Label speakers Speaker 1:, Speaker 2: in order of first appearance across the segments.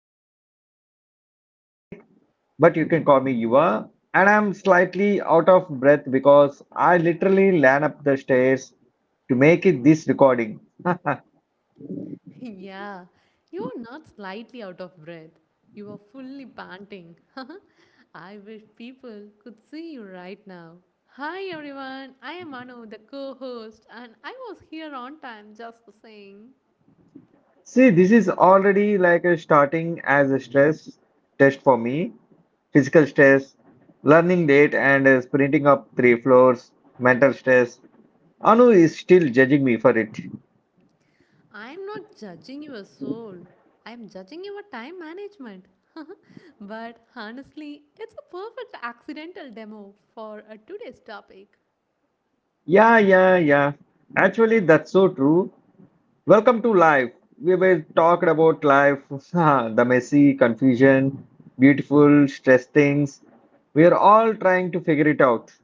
Speaker 1: formally I'm called Yukartik, but you can call me Yuva. And I'm slightly out of breath because I literally ran up the stairs to make it this recording. Huh.
Speaker 2: Yeah, you're not slightly out of breath. You are fully panting. I wish people could see you right now. Hi everyone, I am Anu, the co host, and I was here on time just to saying.
Speaker 1: See, this is already like a starting as a stress test for me. Physical stress, learning date, and sprinting up three floors, mental stress. Anu is still judging me for it.
Speaker 2: I am not judging your soul, I am judging your time management. But honestly, it's a perfect accidental demo for today's topic.
Speaker 1: Yeah, yeah, yeah. Actually, that's so true. Welcome to life. We will talk about life, the messy, confusion, beautiful, stress things. We are all trying to figure it out.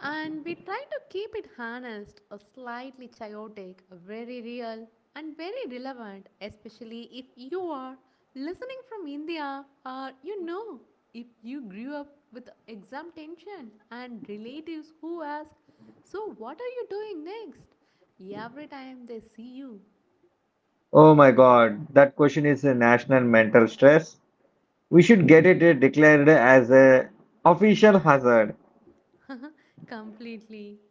Speaker 2: And we try to keep it honest, or slightly chaotic, very real, and very relevant, especially if you are listening from India, or you know if you grew up with exam tension and relatives who ask, so what are you doing next every time they see you.
Speaker 1: Oh my God, that question is a national mental stress. We should get it declared as a official hazard.
Speaker 2: Completely.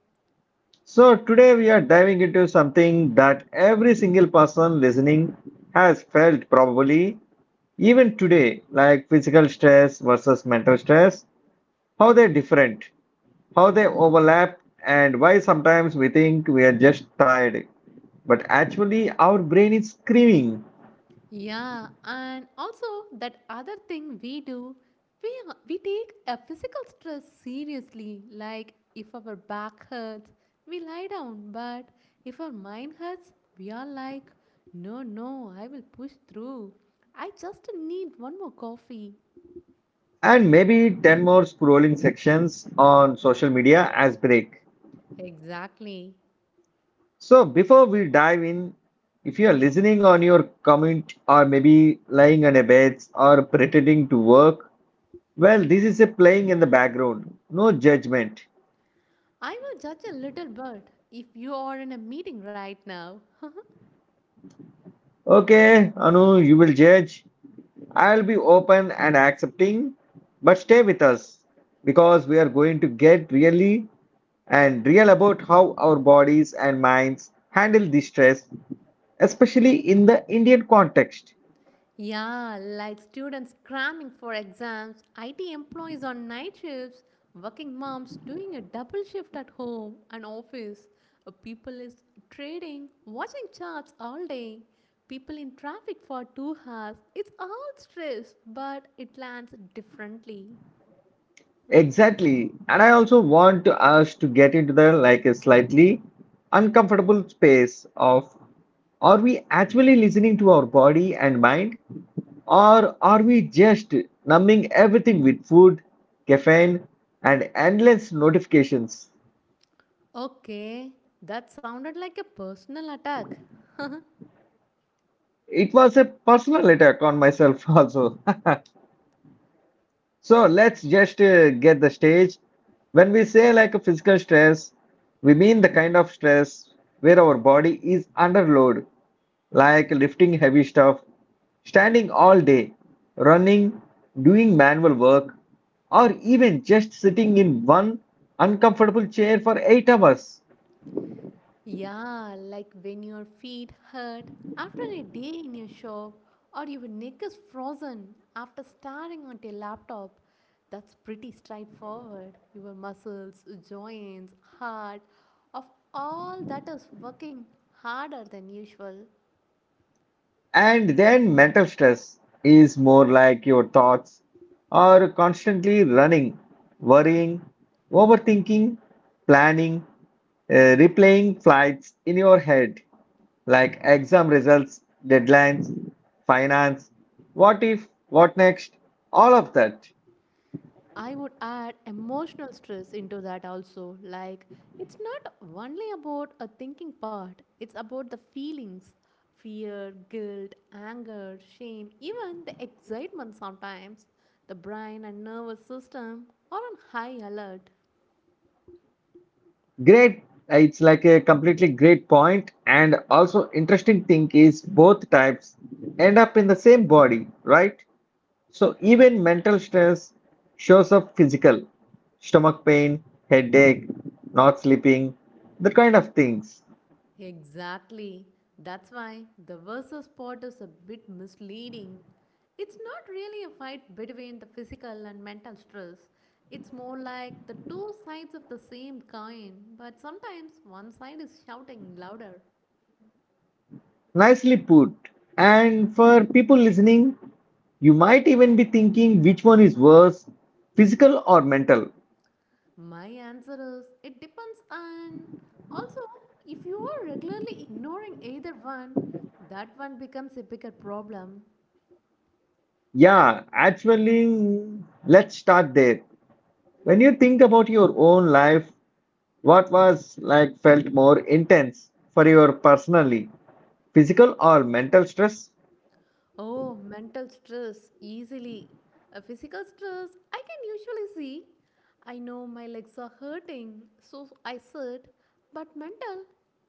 Speaker 1: So today we are diving into something that every single person listening has felt probably even today, like physical stress versus mental stress, how they're different, how they overlap, and why sometimes we think we are just tired. But actually, our brain is screaming,
Speaker 2: Yeah, and also that other thing we do, we, we take a physical stress seriously. Like if our back hurts, we lie down, but if our mind hurts, we are like, no, no, I will push through. I just need one more coffee.
Speaker 1: and maybe 10 more scrolling sections on social media as break.
Speaker 2: Exactly.
Speaker 1: So, before we dive in, if you are listening on your commute or maybe lying on a bed or pretending to work, well, this is a playing in the background. No judgment.
Speaker 2: I will judge a little bit if you are in a meeting right now.
Speaker 1: Okay, Anu, you will judge. I'll be open and accepting, but stay with us because we are going to get really and real about how our bodies and minds handle the stress, especially in the Indian context.
Speaker 2: Yeah, like students cramming for exams, IT employees on night shifts, working moms doing a double shift at home and office, people is trading, watching charts all day, people in traffic for 2 hours. It's all stress, but it lands differently.
Speaker 1: Exactly. And I also want us to get into the like a slightly uncomfortable space of are we actually listening to our body and mind or are we just numbing everything with food, caffeine and endless notifications?
Speaker 2: Okay, that sounded like a personal attack.
Speaker 1: It was a personal attack on myself also. So let's just get the stage. When we say like a physical stress, we mean the kind of stress where our body is under load, like lifting heavy stuff, standing all day, running, doing manual work, or even just sitting in one uncomfortable chair for 8 hours.
Speaker 2: Yeah, like when your feet hurt after a day in your shop, or your neck is frozen after staring at a laptop. That's pretty straightforward. Your muscles, joints, heart, of all that is working harder than usual.
Speaker 1: And then mental stress is more like your thoughts are constantly running, worrying, overthinking, planning, replaying flights in your head, like exam results, deadlines, finance, what if, what next, all of that.
Speaker 2: I would add emotional stress into that also. Like, it's not only about a thinking part, it's about the feelings fear, guilt, anger, shame, even the excitement sometimes. The brain and nervous system are on high alert.
Speaker 1: Great. It's like a completely great point. And also interesting thing is both types end up in the same body, right? So even mental stress shows up physical, stomach pain, headache, not sleeping, the kind of things.
Speaker 2: Exactly. That's why the versus part is a bit misleading. It's not really a fight between the physical and mental stress. It's more like the two sides of the same coin, but sometimes one side is shouting louder.
Speaker 1: Nicely put. And for people listening, you might even be thinking which one is worse, physical or mental.
Speaker 2: My answer is it depends on. Also, if you are regularly ignoring either one, that one becomes a bigger problem.
Speaker 1: Yeah, actually, let's start there. When you think about your own life, what was like felt more intense for your personally, physical or mental stress?
Speaker 2: Oh, mental stress, easily. A physical stress, I can usually see. I know my legs are hurting, so I sit. But mental,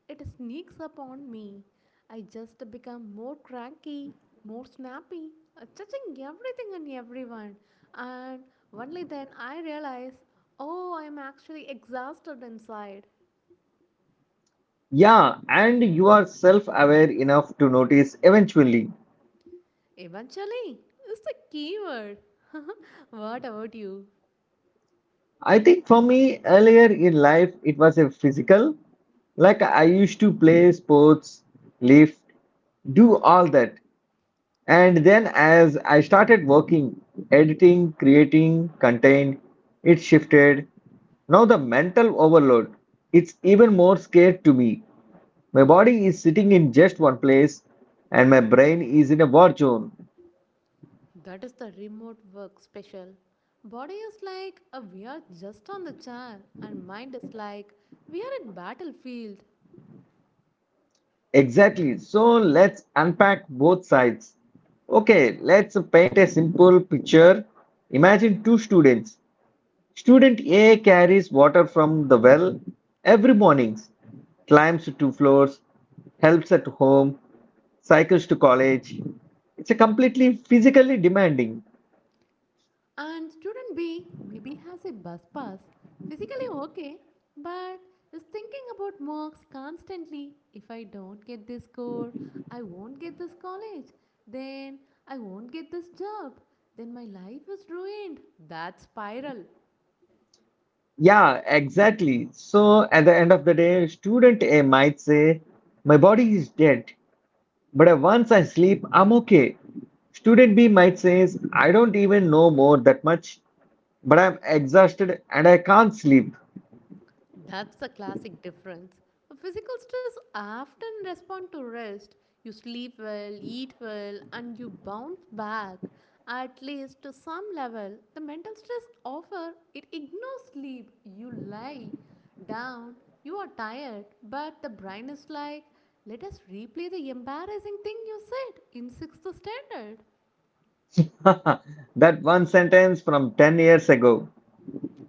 Speaker 2: it sneaks up on me. I just become more cranky, more snappy, judging everything and everyone. And only then I realize, oh, I'm actually exhausted inside.
Speaker 1: Yeah, and you are self-aware enough to notice eventually.
Speaker 2: Eventually, it's the keyword. What about you?
Speaker 1: I think for me, earlier in life, it was a physical. Like I used to play sports, lift, do all that. And then as I started working, editing, creating content, it shifted. Now the mental overload, it's even more scared to me. My body is sitting in just one place and my brain is in a war zone.
Speaker 2: That is the remote work special. Body is like we are just on the chair, and mind is like we are in battlefield.
Speaker 1: Exactly. So let's unpack both sides. Okay, let's paint a simple picture. Imagine two students. Student A carries water from the well every morning, climbs two floors, helps at home, cycles to college. It's a completely physically demanding.
Speaker 2: And student B maybe has a bus pass, physically okay, but is thinking about marks constantly. If I don't get this score, I won't get this college. Then I won't get this job. Then my life is ruined. That spiral.
Speaker 1: Yeah, exactly. So at the end of the day, student A might say, my body is dead. But once I sleep, I'm okay. Student B might say, I don't even know more that much, but I'm exhausted and I can't sleep.
Speaker 2: That's the classic difference. Physical stress often respond to rest. You sleep well, eat well, and you bounce back at least to some level. The mental stress offer it ignores sleep. You lie down, you are tired, but the brain is like, let us replay the embarrassing thing you said in sixth standard.
Speaker 1: That one sentence from 10 years ago.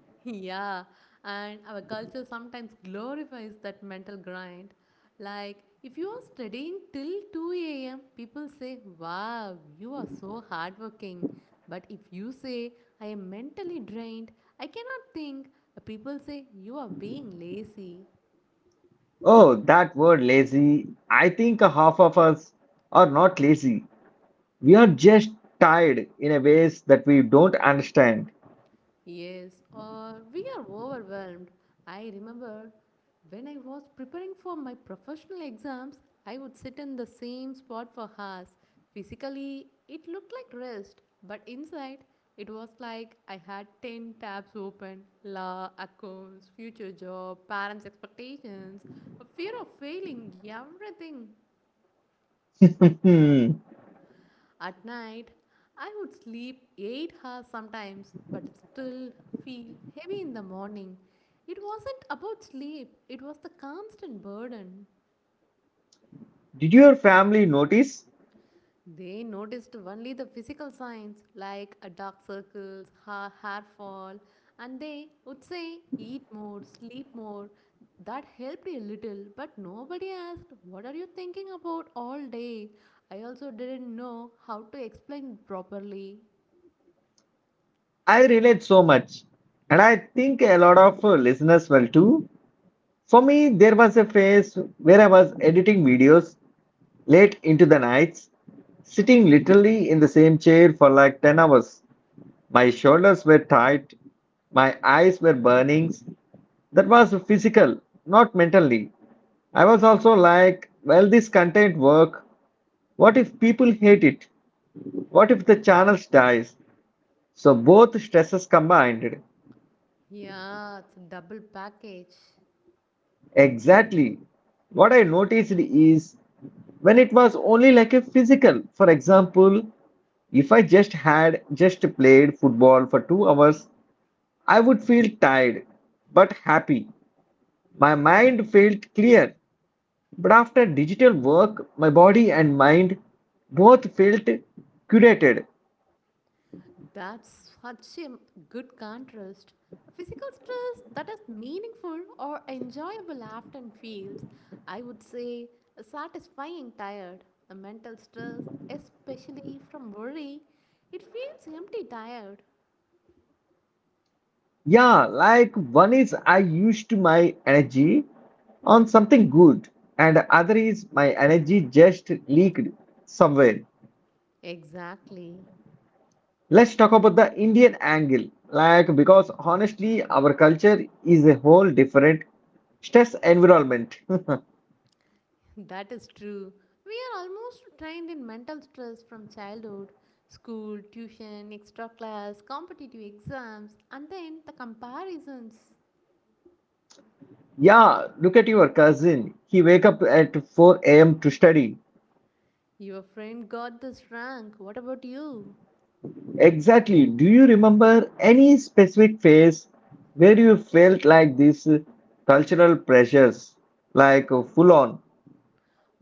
Speaker 2: Yeah, and our culture sometimes glorifies that mental grind. Like, if you are studying till 2 a.m., people say, wow, you are so hardworking. But if you say, I am mentally drained, I cannot think, people say, you are being lazy.
Speaker 1: Oh, that word lazy. I think a half of us are not lazy. We are just tired in a ways that we don't understand.
Speaker 2: Yes, or we are overwhelmed. I remember when I was preparing for my professional exams, I would sit in the same spot for hours. Physically, it looked like rest, but inside, it was like I had 10 tabs open law, accounts, future job, parents' expectations, a fear of failing, everything. At night, I would sleep 8 hours sometimes, but still feel heavy in the morning. It wasn't about sleep, it was the constant burden.
Speaker 1: Did your family notice?
Speaker 2: They noticed only the physical signs like dark circles, hair fall, and they would say, eat more, sleep more. That helped a little, but nobody asked, what are you thinking about all day? I also didn't know how to explain properly.
Speaker 1: I relate so much. And I think a lot of listeners will too. For me, there was a phase where I was editing videos late into the nights, sitting literally in the same chair for like 10 hours. My shoulders were tight, my eyes were burning. That was physical, not mentally. I was also like, well, this content work. What if people hate it? What if the channel dies? So both stresses combined.
Speaker 2: Yeah, it's a double package.
Speaker 1: Exactly. What I noticed is when it was only like a physical, for example, if I just had just played football for 2 hours, I would feel tired but happy. My mind felt clear, but after digital work, my body and mind both felt curated.
Speaker 2: That's such a good contrast. Physical stress that is meaningful or enjoyable often feels, I would say, satisfying tired. The mental stress, especially from worry, it feels empty tired.
Speaker 1: Yeah, like one is I used my energy on something good, and other is my energy just leaked somewhere.
Speaker 2: Exactly.
Speaker 1: Let's talk about the Indian angle, like because honestly, our culture is a whole different stress environment.
Speaker 2: That is true. We are almost trained in mental stress from childhood school, tuition, extra class, competitive exams, and then the comparisons.
Speaker 1: Yeah, look at your cousin. He wake up at 4 a.m. to study.
Speaker 2: Your friend got this rank. What about you?
Speaker 1: Exactly. Do you remember any specific phase where you felt like these cultural pressures, like full on?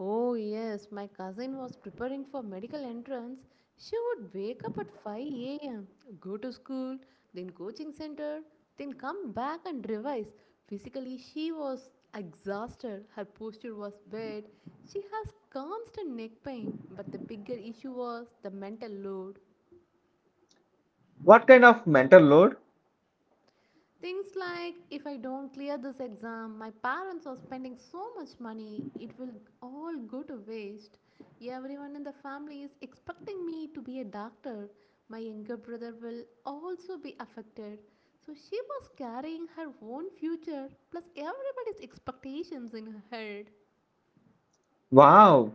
Speaker 2: Oh, yes, my cousin was preparing for medical entrance. She would wake up at 5 a.m., go to school, then coaching center, then come back and revise. Physically, she was exhausted. Her posture was bad. She has constant neck pain, but the bigger issue was the mental load.
Speaker 1: What kind of mental load?
Speaker 2: Things like if I don't clear this exam, my parents are spending so much money, it will all go to waste. Everyone in the family is expecting me to be a doctor. My younger brother will also be affected. So she was carrying her own future plus everybody's expectations in her head.
Speaker 1: Wow,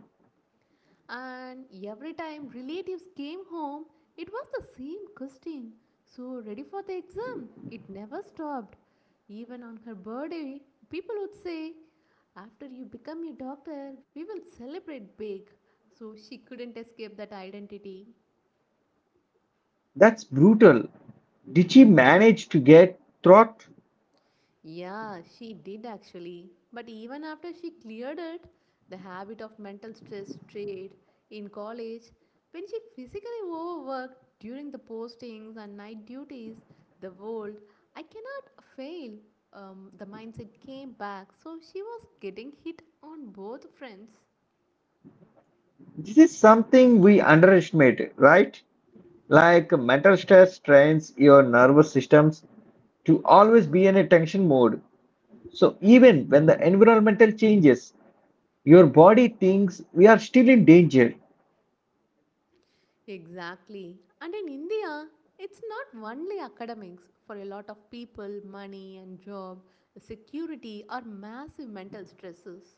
Speaker 2: And every time relatives came home, it was the same question. So ready for the exam. It never stopped. Even on her birthday, people would say, after you become a doctor, we will celebrate big. So she couldn't escape that identity.
Speaker 1: that's brutal. Did she manage to get throat?
Speaker 2: Yeah, she did actually. But even after she cleared it, the habit of mental stress stayed in college. When she physically overworked during the postings and night duties, the world, I cannot fail. The mindset came back, so she was getting hit on both fronts.
Speaker 1: This is something we underestimate, right? Like mental stress strains your nervous systems to always be in a tension mode. So even when the environmental changes, your body thinks we are still in danger.
Speaker 2: Exactly. And in India, it's not only academics. For a lot of people, money and job security are massive mental stresses.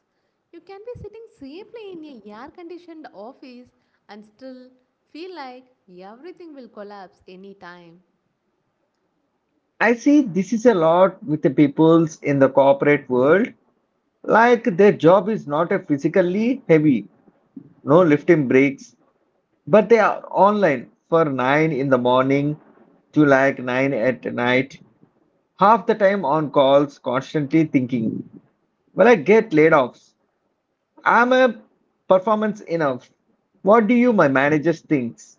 Speaker 2: You can be sitting safely in a air conditioned office and still feel like everything will collapse anytime.
Speaker 1: I see this is a lot with the peoples in the corporate world. Like their job is not a physically heavy, no lifting breaks, but they are online for 9 in the morning to like 9 at night, half the time on calls, constantly thinking, will I get laid off? I'm a performance enough. What do you, my managers, thinks?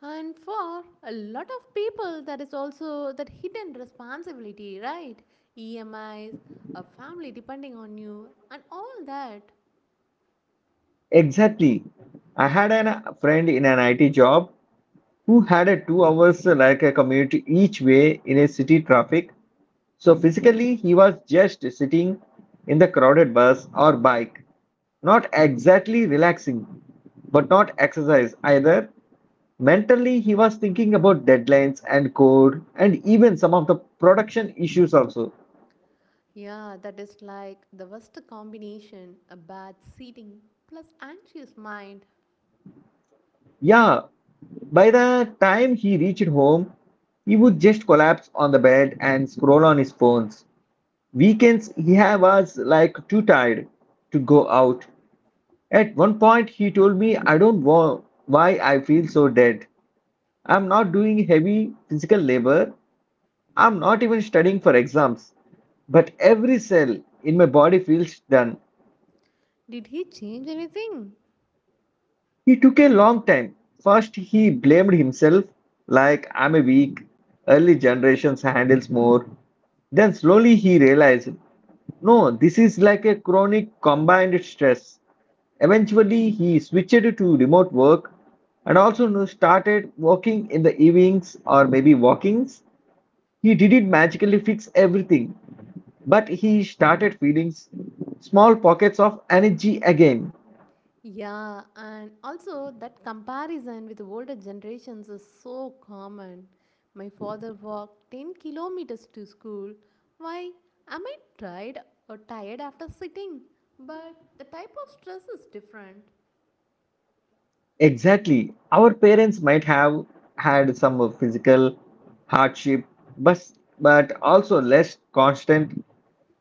Speaker 2: And for a lot of people, there is also that hidden responsibility, right? EMIs, a family depending on you, and all that.
Speaker 1: Exactly. I had a friend in an IT job who had a 2 hours like a commute each way in a city traffic. So physically, he was just sitting in the crowded bus or bike, not exactly relaxing, but not exercise either. Mentally, he was thinking about deadlines and code and even some of the production issues also.
Speaker 2: Yeah, that is like the worst combination a bad seating plus anxious mind.
Speaker 1: Yeah, by the time he reached home, he would just collapse on the bed and scroll on his phones. Weekends, he was like too tired to go out. At one point, he told me, I don't know why I feel so dead. I'm not doing heavy physical labor. I'm not even studying for exams. But every cell in my body feels done.
Speaker 2: Did he change anything?
Speaker 1: He took a long time. First, he blamed himself, like, I'm a weak, early generations handles more. Then, slowly, he realized, no, this is like a chronic combined stress. Eventually, he switched to remote work and also no, started working in the evenings or maybe walkings. He didn't magically fix everything, but he started feeling small pockets of energy again.
Speaker 2: Yeah, and also that comparison with older generations is so common. My father walked 10 kilometers to school. Why am I tired or tired after sitting? But the type of stress is different.
Speaker 1: Exactly. Our parents might have had some of physical hardship, but, but also less constant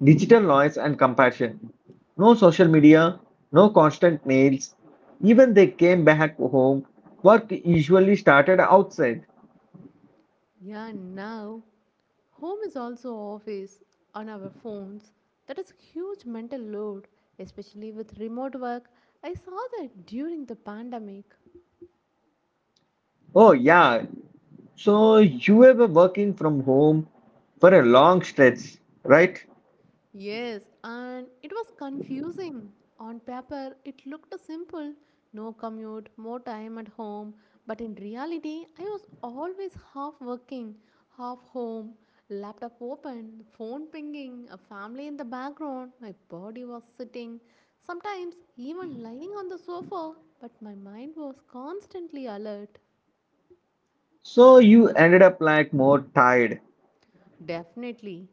Speaker 1: digital noise and compassion. No social media, no constant mails. Even they came back home, work usually started outside.
Speaker 2: Yeah, now home is also office on our phones. That is a huge mental load, especially with remote work. I saw that during the pandemic.
Speaker 1: Oh, yeah. So you were working from home for a long stretch, right?
Speaker 2: Yes, and it was confusing. On paper, it looked simple no commute, more time at home. But in reality, I was always half working, half home, laptop open, phone pinging, a family in the background. My body was sitting, sometimes even lying on the sofa, but my mind was constantly alert.
Speaker 1: So you ended up like more tired,
Speaker 2: Definitely.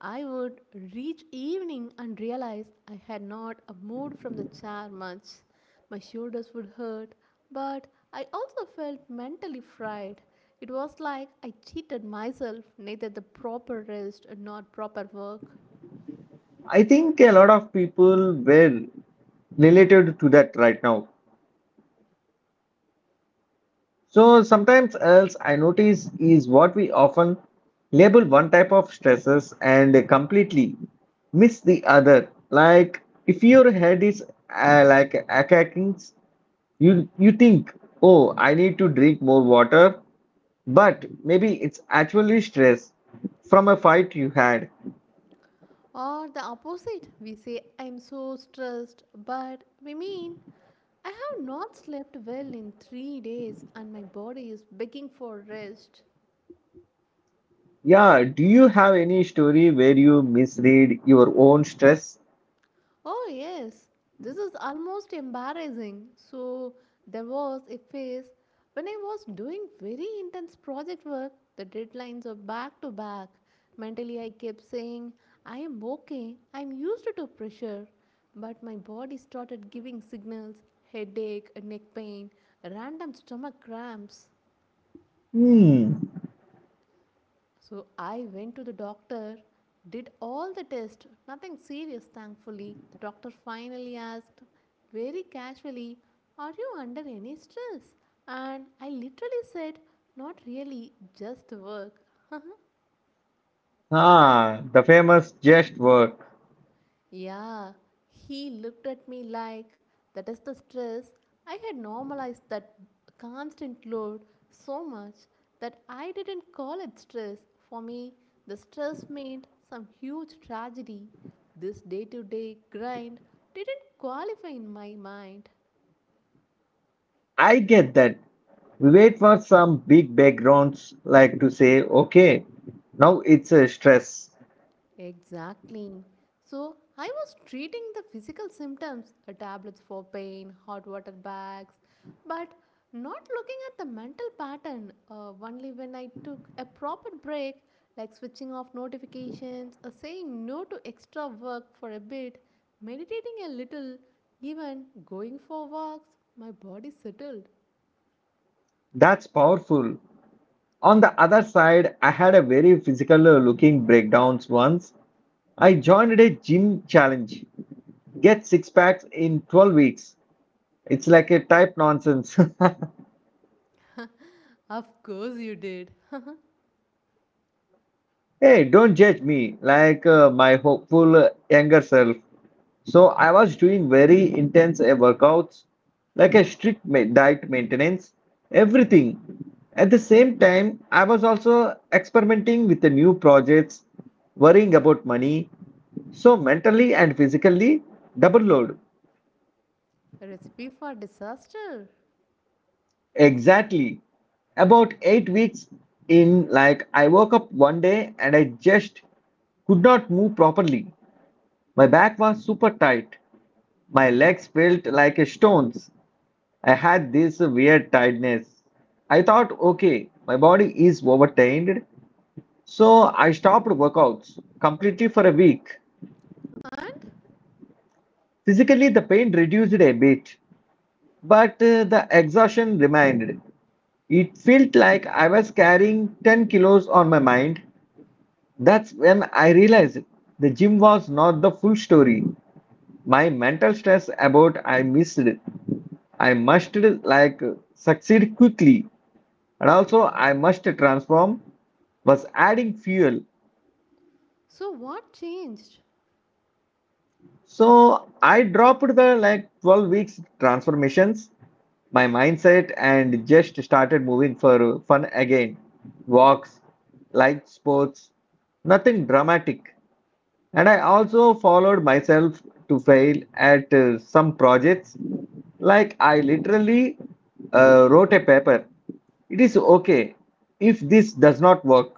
Speaker 2: I would reach evening and realize I had not moved from the chair much. My shoulders would hurt, but I also felt mentally fried. It was like I cheated myself, neither the proper rest nor proper work.
Speaker 1: I think a lot of people were related to that right now. So sometimes else I notice is what we often label one type of stresses and completely miss the other. Like if your head is like aching, you think, oh, I need to drink more water, but maybe it's actually stress from a fight you had.
Speaker 2: Or the opposite, we say I'm so stressed, but we mean I have not slept well in 3 days and my body is begging for rest.
Speaker 1: Yeah, do you have any story where you misread your own stress?
Speaker 2: Oh, yes, this is almost embarrassing. So, there was a phase when I was doing very intense project work, the deadlines are back to back. Mentally, I kept saying, I am okay, I am used to pressure. But my body started giving signals headache, neck pain, random stomach cramps.
Speaker 1: Hmm.
Speaker 2: So I went to the doctor, did all the tests, nothing serious, thankfully. The doctor finally asked, very casually, are you under any stress? And I literally said, not really, just work.
Speaker 1: Ah, the famous just work.
Speaker 2: Yeah, he looked at me like that is the stress. I had normalized that constant load so much that I didn't call it stress. For me, the stress meant some huge tragedy. This day to day grind didn't qualify in my mind.
Speaker 1: I get that. We wait for some big backgrounds like to say, okay, now it's a stress.
Speaker 2: Exactly. So I was treating the physical symptoms, tablets for pain, hot water bags, but not looking at the mental pattern. Only when I took a proper break, like switching off notifications, or saying no to extra work for a bit, meditating a little, even going for walks, my body settled.
Speaker 1: That's powerful. On the other side, I had a very physical looking breakdowns once. I joined a gym challenge. Get six packs in 12 weeks. It's like a type nonsense.
Speaker 2: Of course, you did.
Speaker 1: Hey, don't judge me like my hopeful younger self. So I was doing very intense workouts, like a strict diet maintenance, everything. At the same time, I was also experimenting with the new projects, worrying about money. So mentally and physically, double load.
Speaker 2: Recipe for disaster.
Speaker 1: Exactly. About 8 weeks in, like I woke up one day and I just could not move properly. My back was super tight. My legs felt like stones. I had this weird tiredness. I thought, okay, my body is overtrained. So I stopped workouts completely for a week.
Speaker 2: And
Speaker 1: Physically, the pain reduced a bit, but the exhaustion remained. It felt like I was carrying 10 kilos on my mind. That's when I realized the gym was not the full story. My mental stress about I must like succeed quickly and also I must transform was adding fuel.
Speaker 2: so, what changed?
Speaker 1: So I dropped the like 12 weeks transformations, my mindset, and just started moving for fun again. Walks, light sports, nothing dramatic. And I also followed myself to fail at some projects. Like I literally wrote a paper. It is okay if this does not work.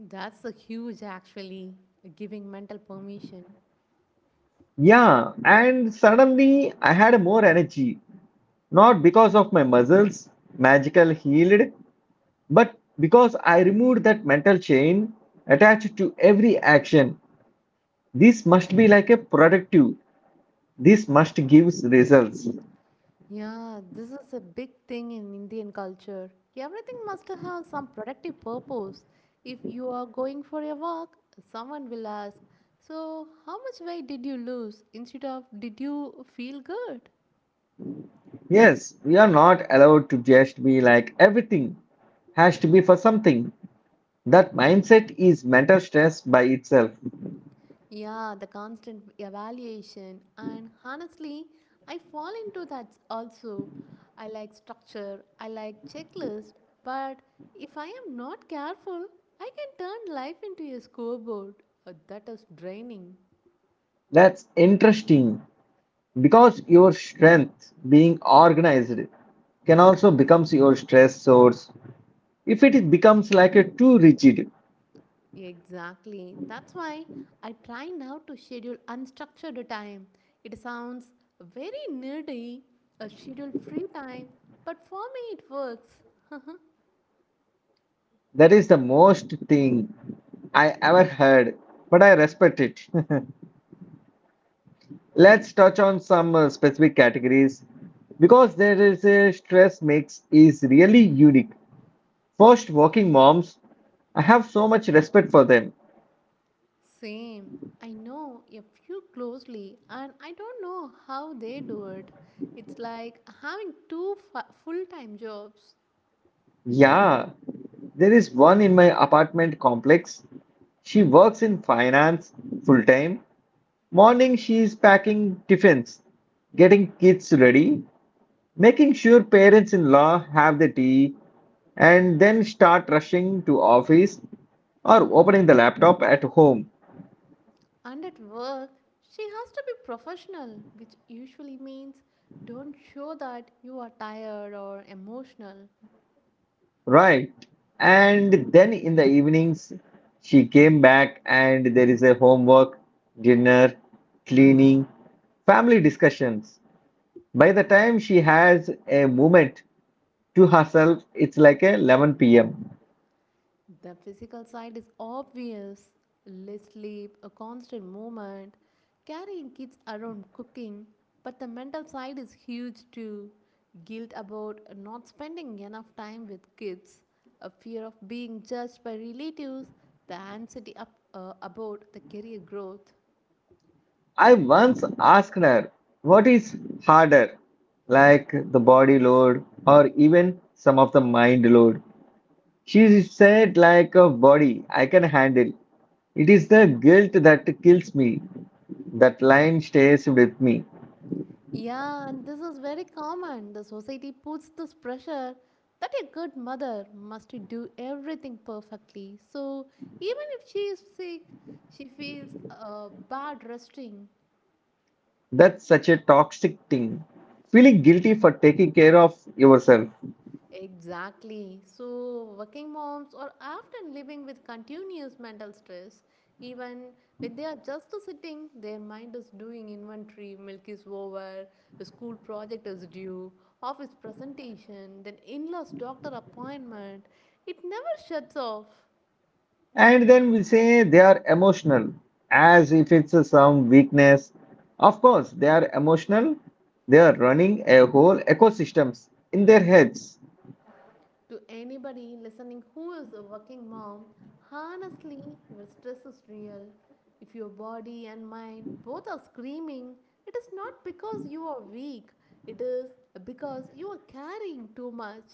Speaker 2: That's a huge actually giving mental permission.
Speaker 1: Yeah, and suddenly I had more energy, not because of my muscles magical healed, but because I removed that mental chain attached to every action. This must be like a productive. This must gives results.
Speaker 2: Yeah, this is a big thing in Indian culture. Everything must have some productive purpose. If you are going for a walk, someone will ask, so, how much weight did you lose? Instead of, did you feel good?
Speaker 1: Yes, we are not allowed to just be like everything has to be for something. That mindset is mental stress by itself.
Speaker 2: Yeah, the constant evaluation. And honestly, I fall into that also. I like structure, I like checklist, but if I am not careful, I can turn life into a scoreboard. That is draining.
Speaker 1: That's interesting, because your strength being organized can also becomes your stress source if it is becomes like a too rigid.
Speaker 2: Exactly. That's why I try now to schedule unstructured time. It sounds very nerdy, a schedule free time, but for me it works.
Speaker 1: That is the most thing I ever heard, but I respect it. Let's touch on some specific categories because there is a stress mix is really unique. First, working moms. I have so much respect for them.
Speaker 2: Same. I know a few closely, and I don't know how they do it. It's like having two full time jobs.
Speaker 1: Yeah, there is one in my apartment complex. She works in finance full time. Morning, she is packing tiffins, getting kids ready, making sure parents in law have the tea, and then start rushing to office or opening the laptop at home.
Speaker 2: And at work, she has to be professional, which usually means don't show that you are tired or emotional.
Speaker 1: Right. And then in the evenings, she came back, and there is a homework, dinner, cleaning, family discussions. By the time she has a moment to herself, it's like a 11 p.m.
Speaker 2: The physical side is obvious less sleep, a constant movement, carrying kids around cooking, but the mental side is huge too. Guilt about not spending enough time with kids, a fear of being judged by relatives, the anxiety up, about the career growth.
Speaker 1: I once asked her, what is harder, like the body load or even some of the mind load? She said, like a body, I can handle. It is the guilt that kills me. That line stays with me.
Speaker 2: Yeah, and this is very common. The society puts this pressure that a good mother must do everything perfectly. So even if she is sick, she feels bad resting.
Speaker 1: That's such a toxic thing. Feeling guilty for taking care of yourself.
Speaker 2: Exactly. So, working moms are often living with continuous mental stress. Even when they are just sitting, their mind is doing inventory, milk is over, the school project is due, office presentation, then in law's doctor appointment. It never shuts off.
Speaker 1: And then we say they are emotional, as if it's a some weakness. Of course, they are emotional. They are running a whole ecosystems in their heads.
Speaker 2: To anybody listening who is a working mom, honestly, your stress is real. If your body and mind both are screaming, it is not because you are weak, it is because you are carrying too much.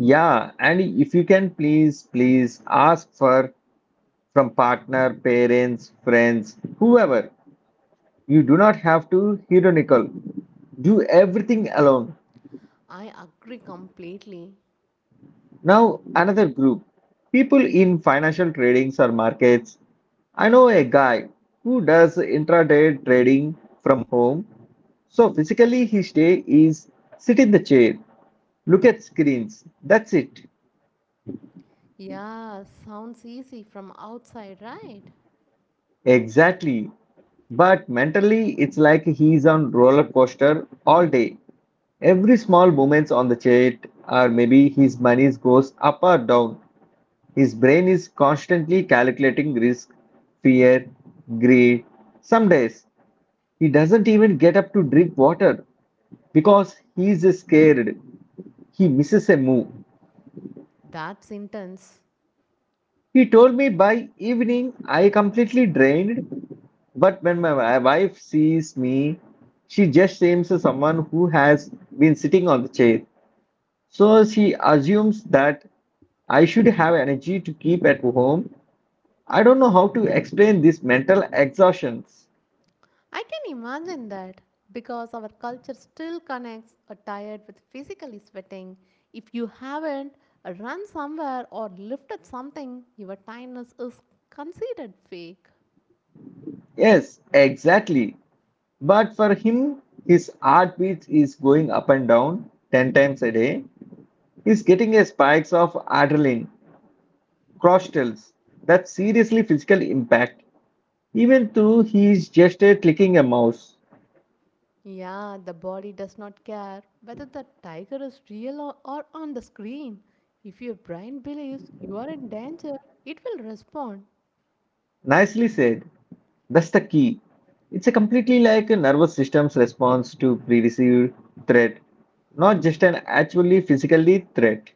Speaker 1: Yeah, and if you can please, please ask for from partner, parents, friends, whoever. You do not have to heroical. Do everything alone.
Speaker 2: I agree completely.
Speaker 1: Now, another group, people in financial tradings or markets. I know a guy who does intraday trading from home. So, physically, his day is sit in the chair, look at screens. That's it.
Speaker 2: Yeah, sounds easy from outside, right?
Speaker 1: Exactly. But mentally, it's like he's on roller coaster all day. Every small movements on the chart, or maybe his money goes up or down. His brain is constantly calculating risk, fear, greed. Some days he doesn't even get up to drink water because he's scared. He misses a move.
Speaker 2: That's intense.
Speaker 1: He told me by evening I completely drained, but when my wife sees me, she just seems someone who has been sitting on the chair. So she assumes that I should have energy to keep at home. I don't know how to explain this mental exhaustion.
Speaker 2: I can imagine that because our culture still connects a tired with physically sweating. If you haven't run somewhere or lifted something, your tiredness is considered fake.
Speaker 1: Yes, exactly. But for him, his heartbeat is going up and down 10 times a day. He's getting a spikes of adrenaline, crostals, that seriously physical impact. Even though he is just clicking a mouse.
Speaker 2: Yeah, the body does not care whether the tiger is real, or on the screen. If your brain believes you are in danger, it will respond.
Speaker 1: Nicely said. That's the key. It's a completely like a nervous system's response to pre-received threat, not just an actually physically threat.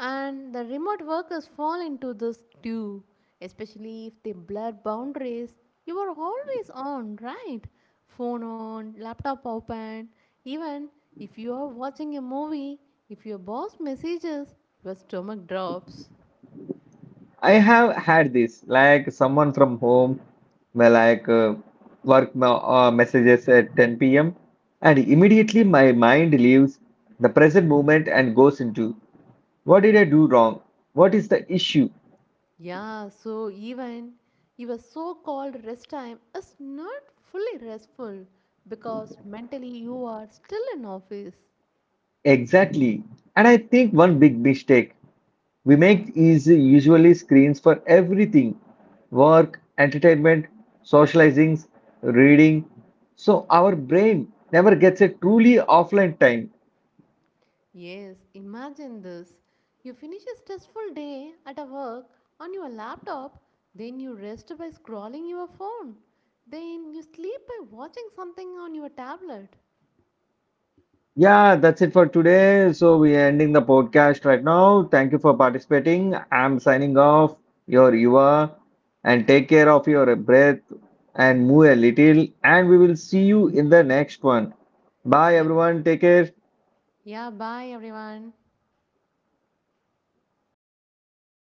Speaker 2: And the remote workers fall into this too, especially if they blur boundaries. You are always on, right? Phone on, laptop open. Even if you are watching a movie, if your boss messages, your stomach drops.
Speaker 1: I have had this, like someone from home, my like messages at 10 p.m. and immediately my mind leaves the present moment and goes into what did I do wrong? What is the issue
Speaker 2: Yeah, so even your so called rest time is not fully restful because mentally you are still in office.
Speaker 1: exactly? And I think one big mistake we make is usually screens for everything, work, entertainment, socializing, reading. So our brain never gets a truly offline time.
Speaker 2: Yes, imagine this. You finish a stressful day at a work on your laptop, then you rest by scrolling your phone. Then you sleep by watching something on your tablet.
Speaker 1: Yeah, that's it for today. So we're ending the podcast right now. Thank you for participating. I'm signing off, your Yuva, and take care of your breath and move a little. And we will see you in the next one. Bye,
Speaker 2: Yeah.
Speaker 1: everyone. Take care.
Speaker 2: Yeah, bye everyone.